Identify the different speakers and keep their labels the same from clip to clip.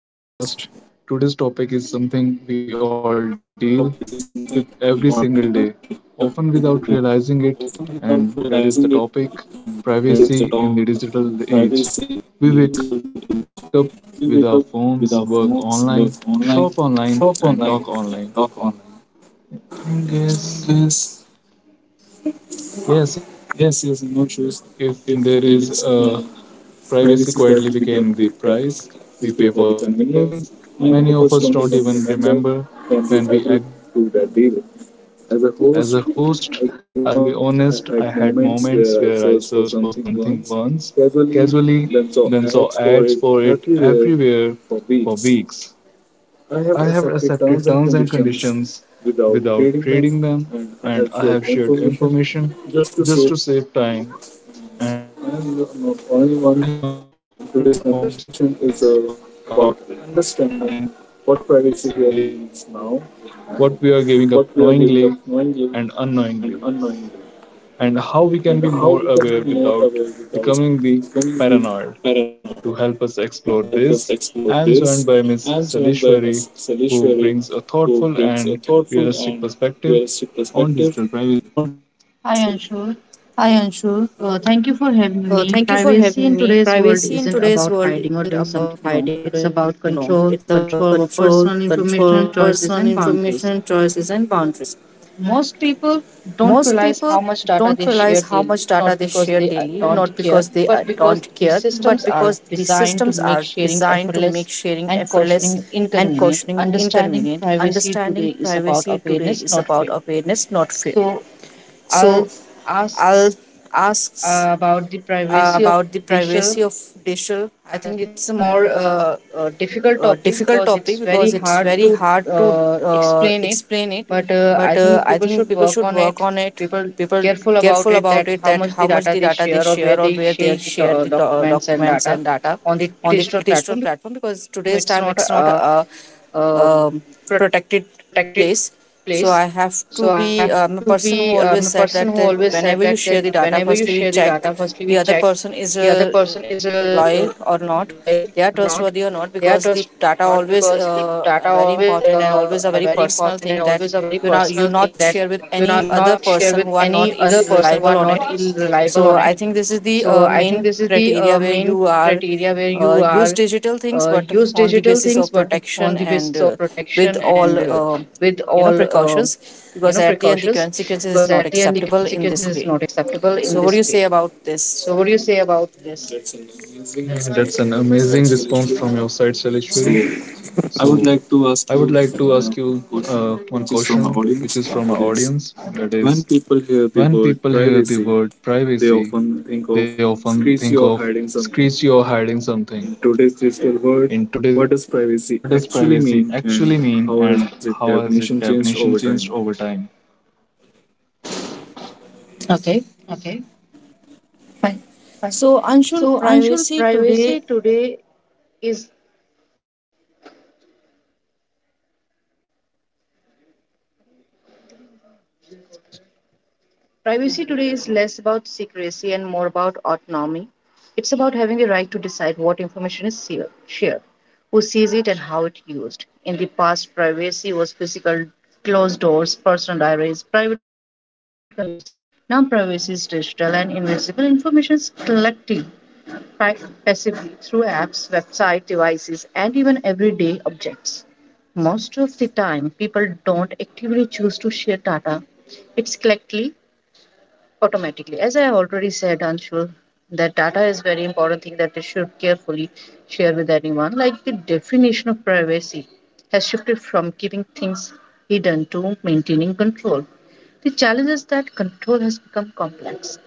Speaker 1: So, welcome to
Speaker 2: So,
Speaker 1: our
Speaker 2: welcome to our
Speaker 1: podcast.
Speaker 2: podcast.
Speaker 1: Today's topic is
Speaker 2: Today's topic
Speaker 1: something
Speaker 2: is
Speaker 1: we all
Speaker 2: something we
Speaker 1: deal
Speaker 2: all
Speaker 1: with
Speaker 2: deal
Speaker 1: every
Speaker 2: with
Speaker 1: single
Speaker 2: every
Speaker 1: day,
Speaker 2: single day,
Speaker 1: often without
Speaker 2: often
Speaker 1: realizing
Speaker 2: without
Speaker 1: it,
Speaker 2: realizing it,
Speaker 1: and that is the
Speaker 2: and that is
Speaker 1: topic
Speaker 2: the topic
Speaker 1: privacy in the
Speaker 2: privacy
Speaker 1: digital
Speaker 2: in the
Speaker 1: age.
Speaker 2: digital age.
Speaker 1: We wake up
Speaker 2: We
Speaker 1: with
Speaker 2: wake up
Speaker 1: our
Speaker 2: with our
Speaker 1: phones, work
Speaker 2: phones, work
Speaker 1: online,
Speaker 2: online,
Speaker 1: shop online,
Speaker 2: shop
Speaker 1: and
Speaker 2: online,
Speaker 1: talk
Speaker 2: and
Speaker 1: online.
Speaker 2: talk online.
Speaker 1: Thing is,
Speaker 2: Thing is,
Speaker 1: yes, no
Speaker 2: yes, yes,
Speaker 1: issues.
Speaker 2: I'm not sure
Speaker 1: If there
Speaker 2: if
Speaker 1: is
Speaker 2: there
Speaker 1: a
Speaker 2: is a
Speaker 1: Privacy quietly
Speaker 2: privacy for
Speaker 1: became the
Speaker 2: which we can
Speaker 1: price we pay
Speaker 2: price,
Speaker 1: for the
Speaker 2: we pay for the
Speaker 1: convenience. Many
Speaker 2: convenience.
Speaker 1: of us
Speaker 2: Many
Speaker 1: don't
Speaker 2: of
Speaker 1: even
Speaker 2: us don't even
Speaker 1: remember
Speaker 2: remember
Speaker 1: when we agreed
Speaker 2: when we
Speaker 1: to
Speaker 2: agreed
Speaker 1: that deal.
Speaker 2: to that deal.
Speaker 1: As a
Speaker 2: As
Speaker 1: host,
Speaker 2: a host,
Speaker 1: I'll be
Speaker 2: I'll
Speaker 1: honest,
Speaker 2: be
Speaker 1: I had
Speaker 2: honest, I
Speaker 1: moments
Speaker 2: had
Speaker 1: where I
Speaker 2: moments
Speaker 1: searched
Speaker 2: where
Speaker 1: for
Speaker 2: I
Speaker 1: something
Speaker 2: searched for
Speaker 1: once
Speaker 2: something once,
Speaker 1: casually, then
Speaker 2: casually,
Speaker 1: saw
Speaker 2: then
Speaker 1: ads
Speaker 2: saw
Speaker 1: for it
Speaker 2: ads for it
Speaker 1: everywhere
Speaker 2: everywhere
Speaker 1: for
Speaker 2: for
Speaker 1: weeks.
Speaker 2: weeks.
Speaker 1: I have
Speaker 2: I
Speaker 1: accepted
Speaker 2: have
Speaker 1: terms and
Speaker 2: accepted terms and
Speaker 1: conditions
Speaker 2: conditions
Speaker 1: without trading
Speaker 2: without
Speaker 1: them,
Speaker 2: trading
Speaker 1: and
Speaker 2: them,
Speaker 1: I have shared
Speaker 2: and I have shared
Speaker 1: information just
Speaker 2: information
Speaker 1: to save
Speaker 2: just
Speaker 1: time.
Speaker 2: to save time.
Speaker 1: And no, I am the, not
Speaker 2: I
Speaker 1: only
Speaker 2: am not
Speaker 1: one.
Speaker 2: the only
Speaker 1: And today's
Speaker 2: one, and
Speaker 1: conversation
Speaker 2: today's
Speaker 1: is
Speaker 2: conversation is
Speaker 1: about
Speaker 2: about
Speaker 1: understanding what
Speaker 2: understanding
Speaker 1: privacy really
Speaker 2: what
Speaker 1: means
Speaker 2: privacy
Speaker 1: now,
Speaker 2: really means now
Speaker 1: and what
Speaker 2: and
Speaker 1: we are giving up
Speaker 2: what we are
Speaker 1: knowingly
Speaker 2: giving up knowingly
Speaker 1: and
Speaker 2: and
Speaker 1: unknowingly,
Speaker 2: unknowingly,
Speaker 1: and
Speaker 2: and
Speaker 1: how
Speaker 2: how
Speaker 1: we
Speaker 2: we
Speaker 1: can
Speaker 2: can
Speaker 1: be
Speaker 2: be
Speaker 1: more
Speaker 2: more
Speaker 1: aware
Speaker 2: aware without
Speaker 1: without becoming
Speaker 2: becoming the
Speaker 1: the
Speaker 2: paranoid.
Speaker 1: paranoid. To
Speaker 2: To
Speaker 1: help
Speaker 2: help
Speaker 1: us
Speaker 2: us
Speaker 1: explore
Speaker 2: explore this,
Speaker 1: this,
Speaker 2: I
Speaker 1: I
Speaker 2: am
Speaker 1: am joined
Speaker 2: joined
Speaker 1: by
Speaker 2: by Ms.
Speaker 1: Ms.
Speaker 2: Salishwari,
Speaker 1: Salishwari,
Speaker 2: who
Speaker 1: who brings
Speaker 2: brings
Speaker 1: a
Speaker 2: a thoughtful
Speaker 1: thoughtful
Speaker 2: and
Speaker 1: and realistic
Speaker 2: realistic
Speaker 1: perspective
Speaker 2: perspective on
Speaker 1: on
Speaker 2: digital
Speaker 1: digital privacy.
Speaker 2: privacy. Hi
Speaker 1: Hi Anshul.
Speaker 2: Anshu.
Speaker 1: Thank
Speaker 2: Thank you
Speaker 1: you
Speaker 2: for
Speaker 1: for
Speaker 2: having
Speaker 1: having
Speaker 2: me.
Speaker 1: me. Privacy
Speaker 2: Privacy in
Speaker 1: in
Speaker 2: today's
Speaker 1: today's
Speaker 2: world
Speaker 1: world
Speaker 2: isn't
Speaker 1: isn't
Speaker 2: about
Speaker 1: about
Speaker 2: hiding
Speaker 1: hiding or
Speaker 2: or doing
Speaker 1: doing something
Speaker 2: something
Speaker 1: wrong.
Speaker 2: wrong. It's
Speaker 1: It's
Speaker 2: about
Speaker 1: about
Speaker 2: control,
Speaker 1: control,
Speaker 2: control
Speaker 1: control
Speaker 2: over
Speaker 1: over
Speaker 2: personal
Speaker 1: personal information,
Speaker 2: information,
Speaker 1: choices,
Speaker 2: choices,
Speaker 1: and
Speaker 2: and boundaries.
Speaker 1: boundaries. Most
Speaker 2: Most people
Speaker 1: people
Speaker 2: don't
Speaker 1: don't
Speaker 2: realize
Speaker 1: realize how
Speaker 2: how
Speaker 1: much
Speaker 2: much data
Speaker 1: data
Speaker 2: they
Speaker 1: they
Speaker 2: share
Speaker 1: share
Speaker 2: daily,
Speaker 1: daily, not
Speaker 2: not
Speaker 1: because
Speaker 2: because
Speaker 1: they
Speaker 2: they don't
Speaker 1: don't
Speaker 2: care,
Speaker 1: care,
Speaker 2: but
Speaker 1: but
Speaker 2: because
Speaker 1: because
Speaker 2: the
Speaker 1: these
Speaker 2: systems
Speaker 1: systems
Speaker 2: are
Speaker 1: are
Speaker 2: designed
Speaker 1: designed to
Speaker 2: to make
Speaker 1: make sharing
Speaker 2: sharing
Speaker 1: effortless
Speaker 2: effortless and
Speaker 1: and
Speaker 2: cautioning
Speaker 1: cautioning inconvenient.
Speaker 2: inconvenient.
Speaker 1: Understanding
Speaker 2: Understanding privacy
Speaker 1: privacy
Speaker 2: today
Speaker 1: today
Speaker 2: is
Speaker 1: is
Speaker 2: about
Speaker 1: about
Speaker 2: awareness,
Speaker 1: awareness,
Speaker 2: not
Speaker 1: not
Speaker 2: fear.
Speaker 1: fear. So
Speaker 2: So, I'll
Speaker 1: I'll ask
Speaker 2: ask about
Speaker 1: about
Speaker 2: the
Speaker 1: the
Speaker 2: privacy
Speaker 1: privacy
Speaker 2: of
Speaker 1: of
Speaker 2: digital.
Speaker 1: digital. I
Speaker 2: I
Speaker 1: think
Speaker 2: think
Speaker 1: it's
Speaker 2: it's
Speaker 1: a
Speaker 2: a
Speaker 1: more
Speaker 2: more difficult
Speaker 1: difficult
Speaker 2: topic
Speaker 1: topic
Speaker 2: because
Speaker 1: because
Speaker 2: it's
Speaker 1: it's
Speaker 2: very
Speaker 1: very
Speaker 2: hard
Speaker 1: hard to
Speaker 2: to explain
Speaker 1: explain
Speaker 2: it,
Speaker 1: it.
Speaker 2: but
Speaker 1: But
Speaker 2: I
Speaker 1: I
Speaker 2: think
Speaker 1: think
Speaker 2: people
Speaker 1: people
Speaker 2: should
Speaker 1: should work
Speaker 2: work on
Speaker 1: on
Speaker 2: it.
Speaker 1: it.
Speaker 2: People
Speaker 1: People careful
Speaker 2: careful about
Speaker 1: about
Speaker 2: it
Speaker 1: it
Speaker 2: that
Speaker 1: that how
Speaker 2: how much
Speaker 1: much the
Speaker 2: the data
Speaker 1: data
Speaker 2: they
Speaker 1: they share
Speaker 2: share or
Speaker 1: or
Speaker 2: where
Speaker 1: where
Speaker 2: they
Speaker 1: they
Speaker 2: share
Speaker 1: share the
Speaker 2: the
Speaker 1: documents
Speaker 2: documents
Speaker 1: and
Speaker 2: and
Speaker 1: data
Speaker 2: data
Speaker 1: on
Speaker 2: on the
Speaker 1: the digital
Speaker 2: digital
Speaker 1: platform
Speaker 2: platform
Speaker 1: because
Speaker 2: because
Speaker 1: today's
Speaker 2: today's
Speaker 1: time
Speaker 2: time
Speaker 1: it's
Speaker 2: it's
Speaker 1: not
Speaker 2: not a,
Speaker 1: um
Speaker 2: um protected
Speaker 1: protected place.
Speaker 2: place.
Speaker 1: So
Speaker 2: So
Speaker 1: I
Speaker 2: I
Speaker 1: have
Speaker 2: have to
Speaker 1: to be
Speaker 2: be
Speaker 1: I'm a
Speaker 2: a
Speaker 1: person
Speaker 2: person
Speaker 1: who
Speaker 2: who
Speaker 1: always
Speaker 2: always
Speaker 1: said
Speaker 2: said
Speaker 1: that,
Speaker 2: that,
Speaker 1: that
Speaker 2: that
Speaker 1: whenever
Speaker 2: whenever
Speaker 1: you
Speaker 2: you
Speaker 1: share
Speaker 2: share
Speaker 1: the
Speaker 2: the
Speaker 1: data,
Speaker 2: data,
Speaker 1: firstly
Speaker 2: firstly
Speaker 1: we
Speaker 2: we
Speaker 1: check
Speaker 2: check
Speaker 1: the
Speaker 2: the
Speaker 1: other
Speaker 2: other
Speaker 1: person
Speaker 2: person
Speaker 1: is
Speaker 2: is
Speaker 1: loyal
Speaker 2: loyal
Speaker 1: or
Speaker 2: or
Speaker 1: not.
Speaker 2: not.
Speaker 1: They
Speaker 2: They
Speaker 1: are
Speaker 2: are
Speaker 1: trustworthy
Speaker 2: trustworthy
Speaker 1: or
Speaker 2: or
Speaker 1: not
Speaker 2: not
Speaker 1: because
Speaker 2: because
Speaker 1: the
Speaker 2: the
Speaker 1: data
Speaker 2: data
Speaker 1: always
Speaker 2: always
Speaker 1: are
Speaker 2: are
Speaker 1: very
Speaker 2: very
Speaker 1: important and
Speaker 2: important and
Speaker 1: always a very
Speaker 2: always a very
Speaker 1: personal thing
Speaker 2: personal
Speaker 1: that
Speaker 2: thing that you know
Speaker 1: you
Speaker 2: you
Speaker 1: know
Speaker 2: not
Speaker 1: you not
Speaker 2: share with
Speaker 1: share with
Speaker 2: any
Speaker 1: any
Speaker 2: other
Speaker 1: other
Speaker 2: person who
Speaker 1: person
Speaker 2: are
Speaker 1: who
Speaker 2: not
Speaker 1: are not
Speaker 2: ill reliable on
Speaker 1: reliable on
Speaker 2: it.
Speaker 1: it.
Speaker 2: So
Speaker 1: So
Speaker 2: I
Speaker 1: I
Speaker 2: think
Speaker 1: think
Speaker 2: this
Speaker 1: this
Speaker 2: is
Speaker 1: is the
Speaker 2: the main
Speaker 1: main criteria
Speaker 2: criteria
Speaker 1: where
Speaker 2: where
Speaker 1: you
Speaker 2: you
Speaker 1: are
Speaker 2: are uh,
Speaker 1: use
Speaker 2: use
Speaker 1: digital
Speaker 2: digital things
Speaker 1: things, but
Speaker 2: but
Speaker 1: on
Speaker 2: on
Speaker 1: the
Speaker 2: the
Speaker 1: basis
Speaker 2: basis of
Speaker 1: of
Speaker 2: protection
Speaker 1: protection
Speaker 2: and
Speaker 1: and with
Speaker 2: with
Speaker 1: all
Speaker 2: all
Speaker 1: uh,
Speaker 2: you
Speaker 1: you know
Speaker 2: know precautions
Speaker 1: precautions,
Speaker 2: because
Speaker 1: because
Speaker 2: at
Speaker 1: at
Speaker 2: the
Speaker 1: the end
Speaker 2: end the
Speaker 1: the consequences
Speaker 2: consequences
Speaker 1: is
Speaker 2: is not
Speaker 1: not
Speaker 2: acceptable
Speaker 1: acceptable
Speaker 2: in
Speaker 1: in this
Speaker 2: this
Speaker 1: way.
Speaker 2: way.
Speaker 1: So
Speaker 2: So what
Speaker 1: what
Speaker 2: do
Speaker 1: do you
Speaker 2: you say
Speaker 1: say
Speaker 2: about
Speaker 1: about this?
Speaker 2: this? That's an
Speaker 1: That's an
Speaker 2: amazing
Speaker 1: amazing
Speaker 2: response
Speaker 1: response
Speaker 2: from your
Speaker 1: from
Speaker 2: side,
Speaker 1: your side,
Speaker 2: Shaleshwari.
Speaker 1: Salishwari.
Speaker 2: So,
Speaker 1: So,
Speaker 2: I would like
Speaker 1: I
Speaker 2: to
Speaker 1: would
Speaker 2: ask you
Speaker 1: like to ask you
Speaker 2: one question,
Speaker 1: one
Speaker 2: which is from our
Speaker 1: question, which
Speaker 2: audience.
Speaker 1: is from our
Speaker 2: It is
Speaker 1: audience. That
Speaker 2: when
Speaker 1: is,
Speaker 2: people hear the word
Speaker 1: when people hear
Speaker 2: privacy,
Speaker 1: the word
Speaker 2: they often
Speaker 1: privacy,
Speaker 2: think of
Speaker 1: they often
Speaker 2: secrecy or
Speaker 1: think of
Speaker 2: hiding something.
Speaker 1: secrecy or hiding
Speaker 2: In today's
Speaker 1: something.
Speaker 2: digital world,
Speaker 1: In today's
Speaker 2: what does
Speaker 1: digital world,
Speaker 2: privacy
Speaker 1: what
Speaker 2: actually
Speaker 1: does
Speaker 2: mean,
Speaker 1: privacy
Speaker 2: and how
Speaker 1: actually
Speaker 2: has its
Speaker 1: mean and
Speaker 2: definition
Speaker 1: how
Speaker 2: changed
Speaker 1: has
Speaker 2: over
Speaker 1: its
Speaker 2: time?
Speaker 1: definition changed over time?
Speaker 2: Okay,
Speaker 1: Okay,
Speaker 2: fine. So,
Speaker 1: fine.
Speaker 2: Anshul,
Speaker 1: So,
Speaker 2: privacy
Speaker 1: Anshul,
Speaker 2: today
Speaker 1: is Privacy today is less about secrecy and more about autonomy. It's about having the right to decide what information is shared, who sees it, and how it's used. In the past, privacy was physical, closed doors, personal diaries, private conversations. Now, privacy is digital and invisible. Information is collected pri- passively through apps, websites, devices, and even everyday objects. Most of the time, people don't actively choose to share data. It's collectively automatically. As I already said, Anshul, that data is very important thing that you should carefully share with anyone. Like the definition of privacy has shifted from keeping things hidden to maintaining control. The challenge is that control has become complex.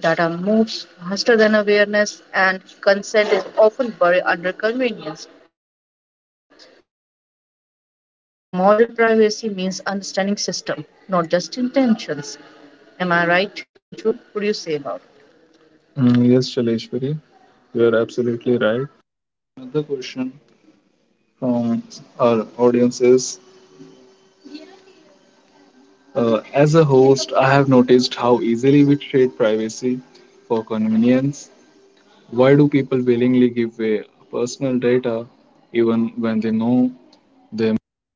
Speaker 1: Data moves faster than awareness, and consent is often buried under convenience. So, understanding modern privacy means understanding system, not just intentions. Am I right, Anshul? What do you say about? Yes, Shaleshwari, you are absolutely right. Another question from our audience is as a host, I have noticed how easily we trade privacy for convenience. Why do people willingly give away personal data even when they know they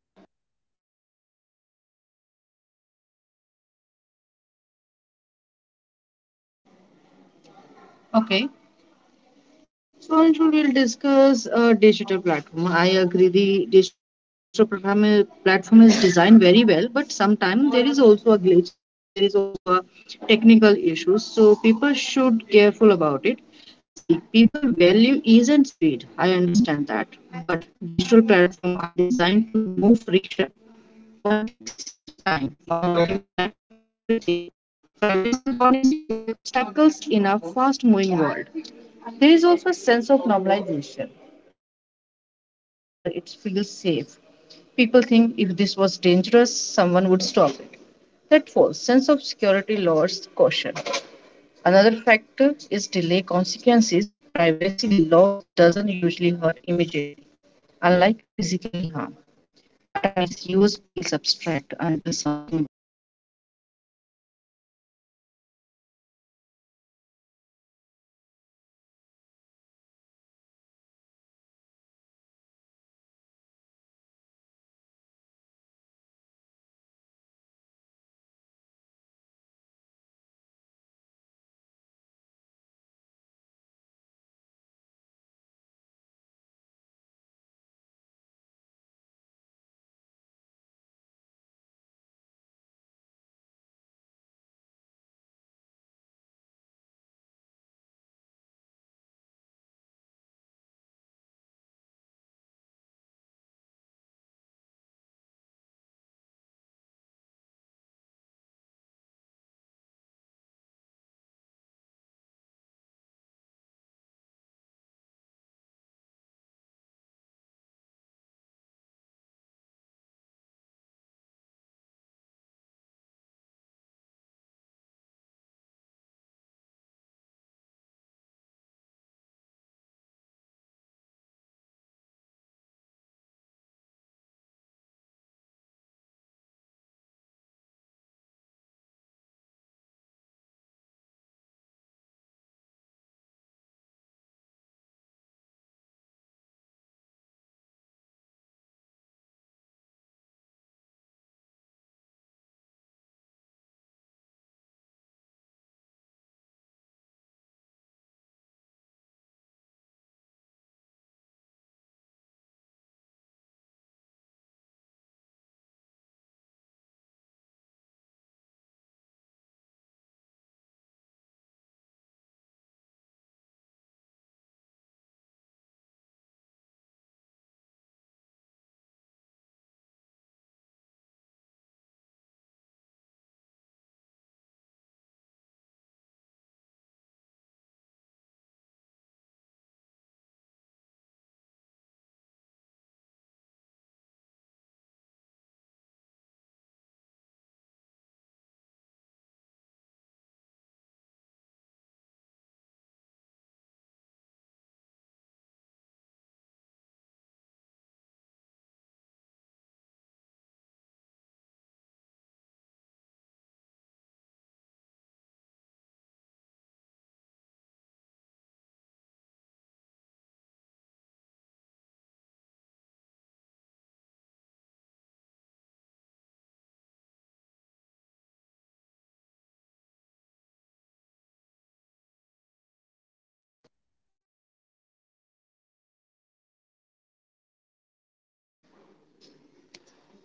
Speaker 1: Okay. So also we'll discuss digital platform. I agree the digital platform is designed very well, but sometimes there is also a glitch. There is also a technical issues. So people should careful about it. See, people value ease and speed. I understand that, but digital platform are designed to remove friction. One click saves time. One login connects everything. Privacy warnings feel like obstacles in a fast-moving world. There is also a sense of normalization. When everyone shares, it feels safe. People think if this was dangerous, someone would stop it. That false sense of security lowers caution. Another factor is delay consequences. Privacy loss doesn't usually hurt immediately, unlike physically harm. Data misuse feels abstract until something goes wrong. So, this isn't about ignorance, it's about human behavior responding to convenience driven design. Am I right?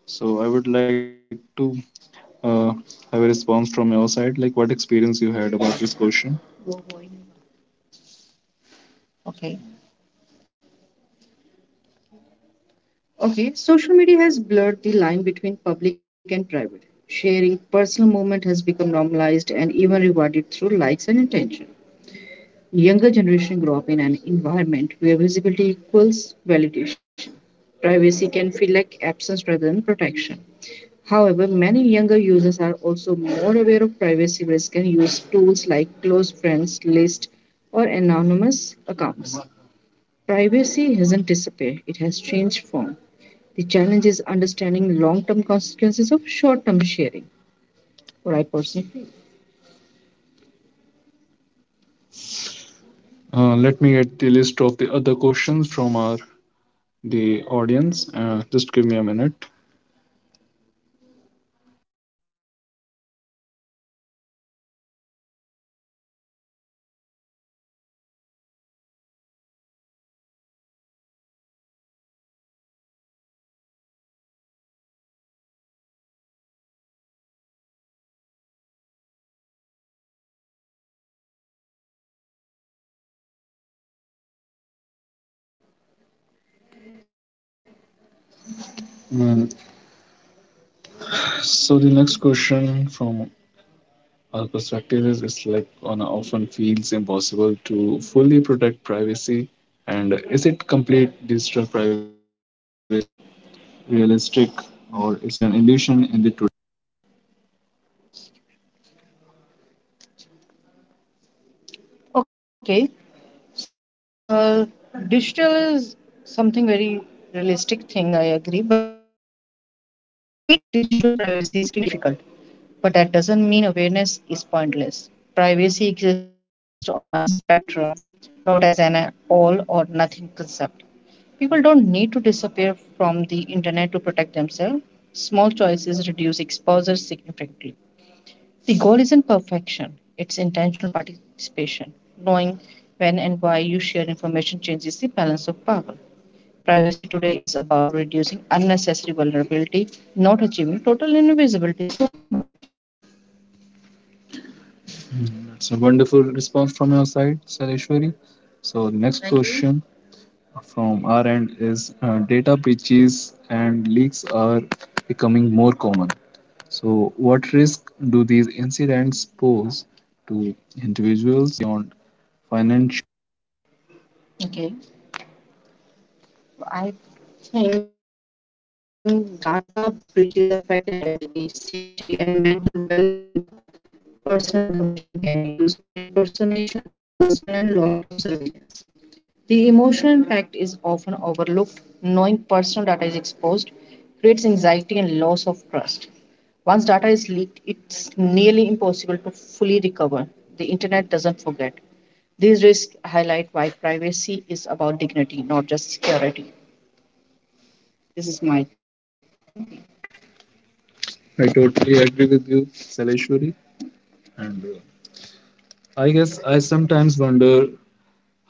Speaker 1: So I would like to uh, have a response from your side, like what experience you had about this question. Okay. Okay. Social media has blurred the line between public and private. Sharing personal moment has become normalized and even rewarded through likes and attention. Younger generation grow up in an environment where visibility equals validation. Privacy can feel like absence rather than protection. However, many younger users are also more aware of privacy risk and use tools like close friends list or anonymous accounts. Privacy hasn't disappeared, it has changed form. The challenge is understanding long-term consequences of short-term sharing, what I personally feel. Let me get the list of the other questions from our the audience. Just give me a minute. Mm, So the next question from our perspective is it's like on a, often feels impossible to fully protect privacy. And is it complete digital privacy realistic or is it an illusion in the today? Okay, so Anshul, digital is something very realistic thing, I agree, but complete digital privacy is extremely difficult. But that doesn't mean awareness is pointless. Privacy exists on a spectrum, not as an all or nothing concept. People don't need to disappear from the internet to protect themselves. Small choices reduce exposure significantly. The goal isn't perfection, it's intentional participation. Knowing when and why you share information changes the balance of power. Privacy today is about reducing unnecessary vulnerability, not achieving total invisibility so common. It's a wonderful response from your side, Sareshwari. So, the next Thank you. Question from our end is data breaches and leaks are becoming more common. So, what risk do these incidents pose to individuals beyond financial? Okay. I think data breaches affect identity, safety, and mental well being. Personal information can be used for impersonation, harassment, and long term surveillance. The emotional impact is often overlooked. Knowing personal data is exposed creates anxiety and loss of trust. Once data is leaked, it's nearly impossible to fully recover. The internet doesn't forget. These risks highlight why privacy is about dignity, not just security. This is my thinking. I totally agree with you, Saleshwari. And I guess I sometimes wonder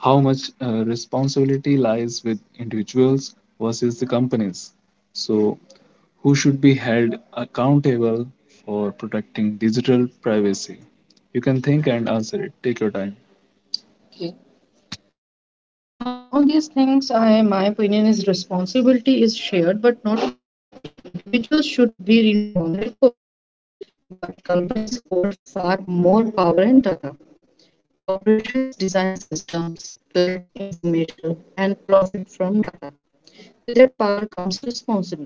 Speaker 1: how much responsibility lies with individuals versus the companies. So, who should be held accountable for protecting digital privacy? You can think and answer it. Take your time. Okay. On these things, I my opinion is responsibility is shared but not equal. Individuals should be informed and cautious, but companies hold far more power and data. Corporations design systems, collect information, and profit from data. With that power comes responsibilities.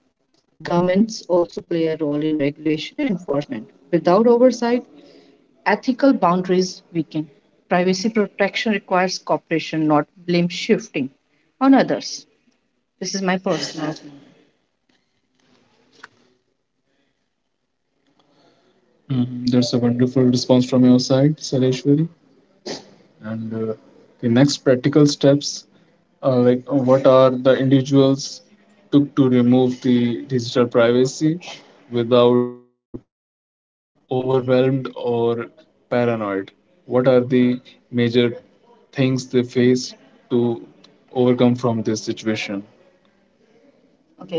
Speaker 1: Governments also play a role in regulation and enforcement. Without oversight, ethical boundaries weaken. Privacy protection requires cooperation, not blame shifting on others. This is my personal opinion. Mhm. That's a wonderful response from your side, Sareshwari. And the next practical steps are like what are the individuals took to remove the digital privacy without becoming the overwhelmed or paranoid what are the major things they face to overcome from this situation. Okay.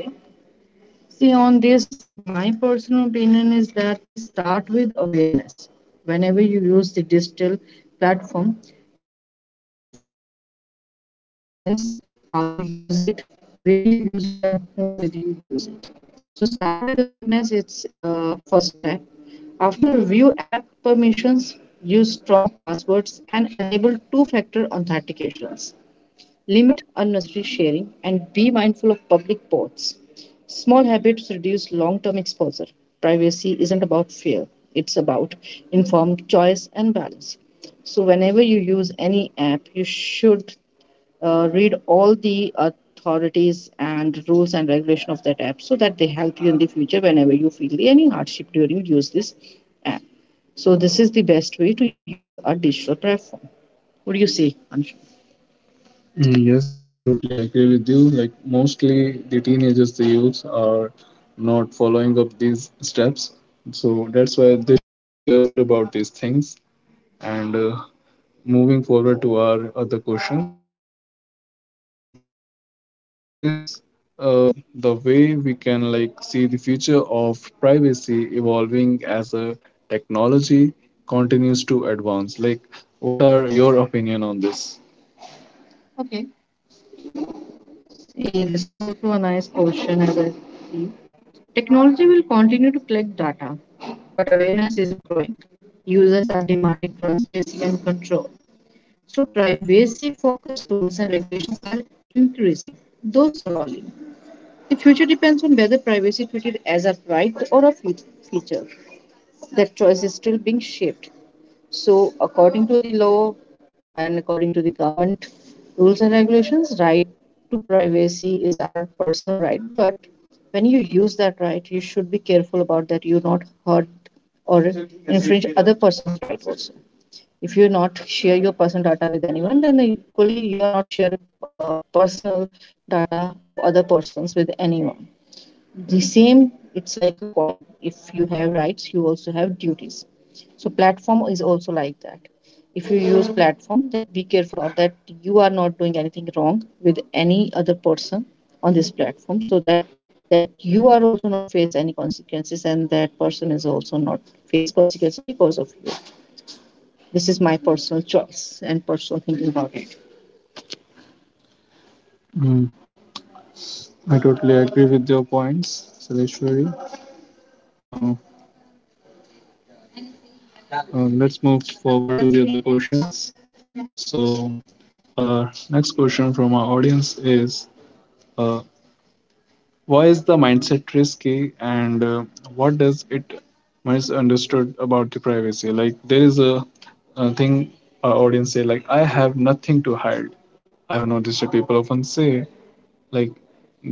Speaker 1: See, on this, my personal opinion is that you start with awareness. Whenever you use the digital platform, you should know first about the whole process, how you use it, where you use it, and whom with you use it. So start with awareness. It's first step. After review app permissions, use strong passwords and enable two-factor authentications. Limit unnecessary sharing and be mindful of public pods. Small habits reduce long term exposure. Privacy isn't about fear, it's about informed choice and balance. So, whenever you use any app, you should read all the authorities and rules and regulation of that app so that they help you in the future whenever you feel any hardship during use this app. So, this is the best way to use a digital platform. What do you say, Anshu? Yes, I totally agree with you. Like mostly the teenagers, the youths are not following up these steps. So that's why they should be careful about these things. And moving forward to our other questions, uh, there is uh, the way we can like see the future of privacy evolving as a technology continues to advance. Like, what are your opinion on this? Eh, this is also a nice question as I see. Technology will continue to collect data, but awareness is growing. Users are demanding transparency and control. So privacy-focused tools and regulations are increasing, though slowly. The future depends on whether privacy treated as a right or a feature. That choice is still being shaped. So, according to the law and according to the government rules and regulations, right to privacy is our personal right. But when you use that right, you should be careful about that you not hurt or infringe other person's right also. If you not share your personal data with anyone, then equally you are not share personal data of other persons with anyone. The same it's like a coin. If you have rights you also have duties. So platform is also like that. If you use platform that be careful about that you are not doing anything wrong with any other person on this platform so that you are also not face any consequences and that person is also not face consequences because of you. This is my personal choice and personal thinking about it. Mm, I totally agree with your points, Sareshwari. Uh, let's move forward to the other questions. So, next question from our audience is uh, why is the mindset risky and what does it misunderstood about the privacy? Like, there is a thing our audience say, like, I have nothing to hide. I have noticed that people often say, like,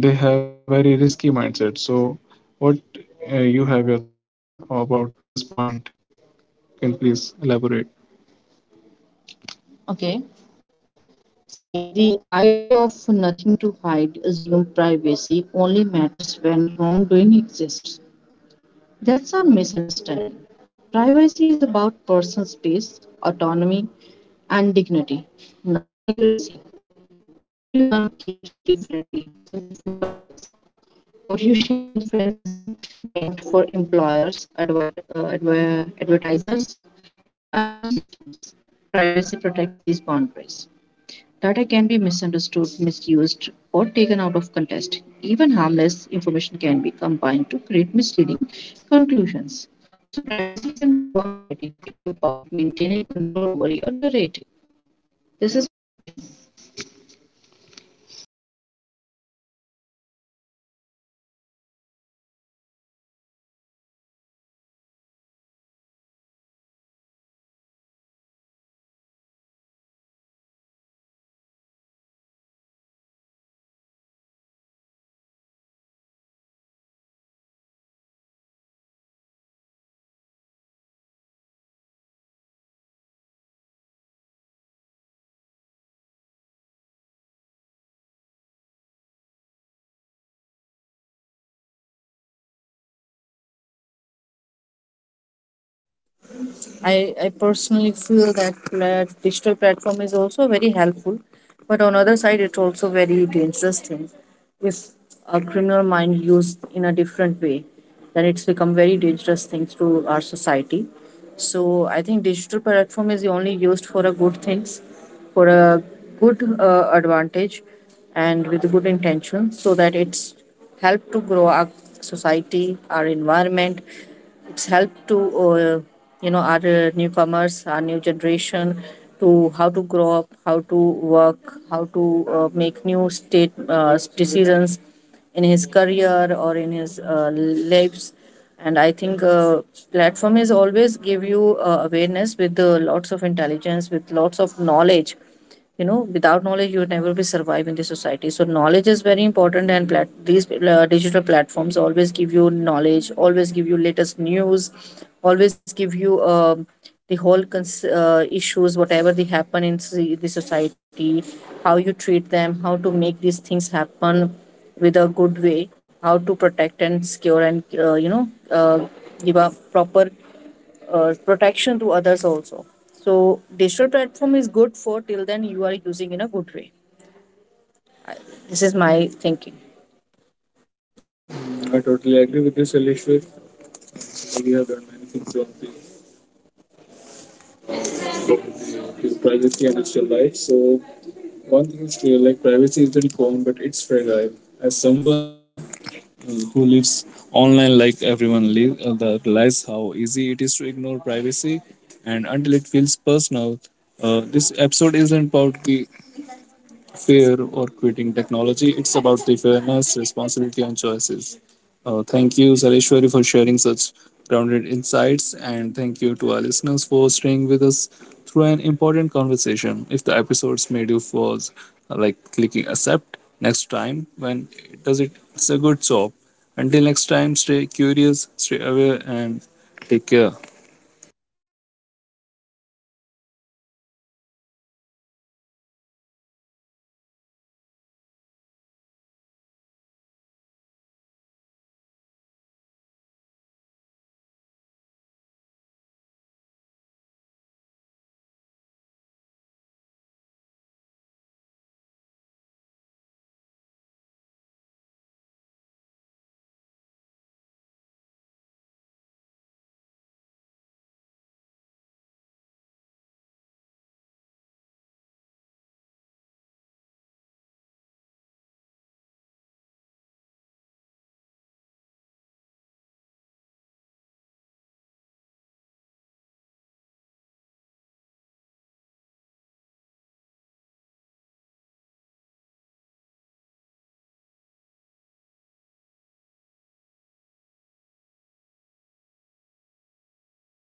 Speaker 1: they have a very risky mindset. So, what you have your thoughts about this point? Can you please elaborate? Okay. See, the idea of nothing to hide, assumes privacy, only matters when wrongdoing exists. That's a misunderstanding. Privacy is about personal space, autonomy, and dignity, not secrecy. Everyone behaves differently in different contexts. What you share with friends isn't meant for employers, advertisers, or unknown systems. Privacy protects these boundaries. Data can be misunderstood, misused, or taken out of context. Even harmless information can be combined to create misleading conclusions. So, privacy isn't about hiding, it's about maintaining control over your narrative. This is my opinion. Mm. So in today's so we have the next question from our audience. How does knowing that online actions can last forever and the personal freedom and self expression. You can take your time. Okay. Um, See, this is a very
Speaker 2: I personally feel that plat digital platform is also very helpful, but on other side, it's also very dangerous thing. If a criminal mind used in a different way, then it's become very dangerous thing to our society. So I think digital platform is only used for a good things, for a good advantage, and with good intention, so that it's help to grow our society, our environment, it's helped to uh, you know our newcomers, our new generation, to how to grow up, how to work, how to make new state decisions in his career or in his lives. And I think platform is always give you awareness with lots of intelligence, with lots of knowledge. You know, without knowledge you would never be surviving the society, so knowledge is very important and these digital platforms always give you knowledge, always give you latest news, always give you the whole issues whatever they happen in the society, how you treat them, how to make these things happen with a good way, how to protect and secure and you know give a proper protection to others also. So digital platform is good for till then you are using in a good way. This is my thinking. I totally agree with you, Salishwar. We have done many things on the to privacy and digital life. So one thing is clear, like privacy is very common, but it's fragile. As someone who lives online, like everyone, live, the realize how easy it is to ignore privacy, and until it feels personal. This episode isn't about the fear or quitting technology. It's about the fairness, responsibility, and choices. Thank you, Sareshwari, for sharing such grounded insights, and thank you to our listeners for staying with us through an important conversation. If the episodes made you pause, like clicking accept next time, when it does it, it's a good job. Until next time, stay curious, stay aware, and take care.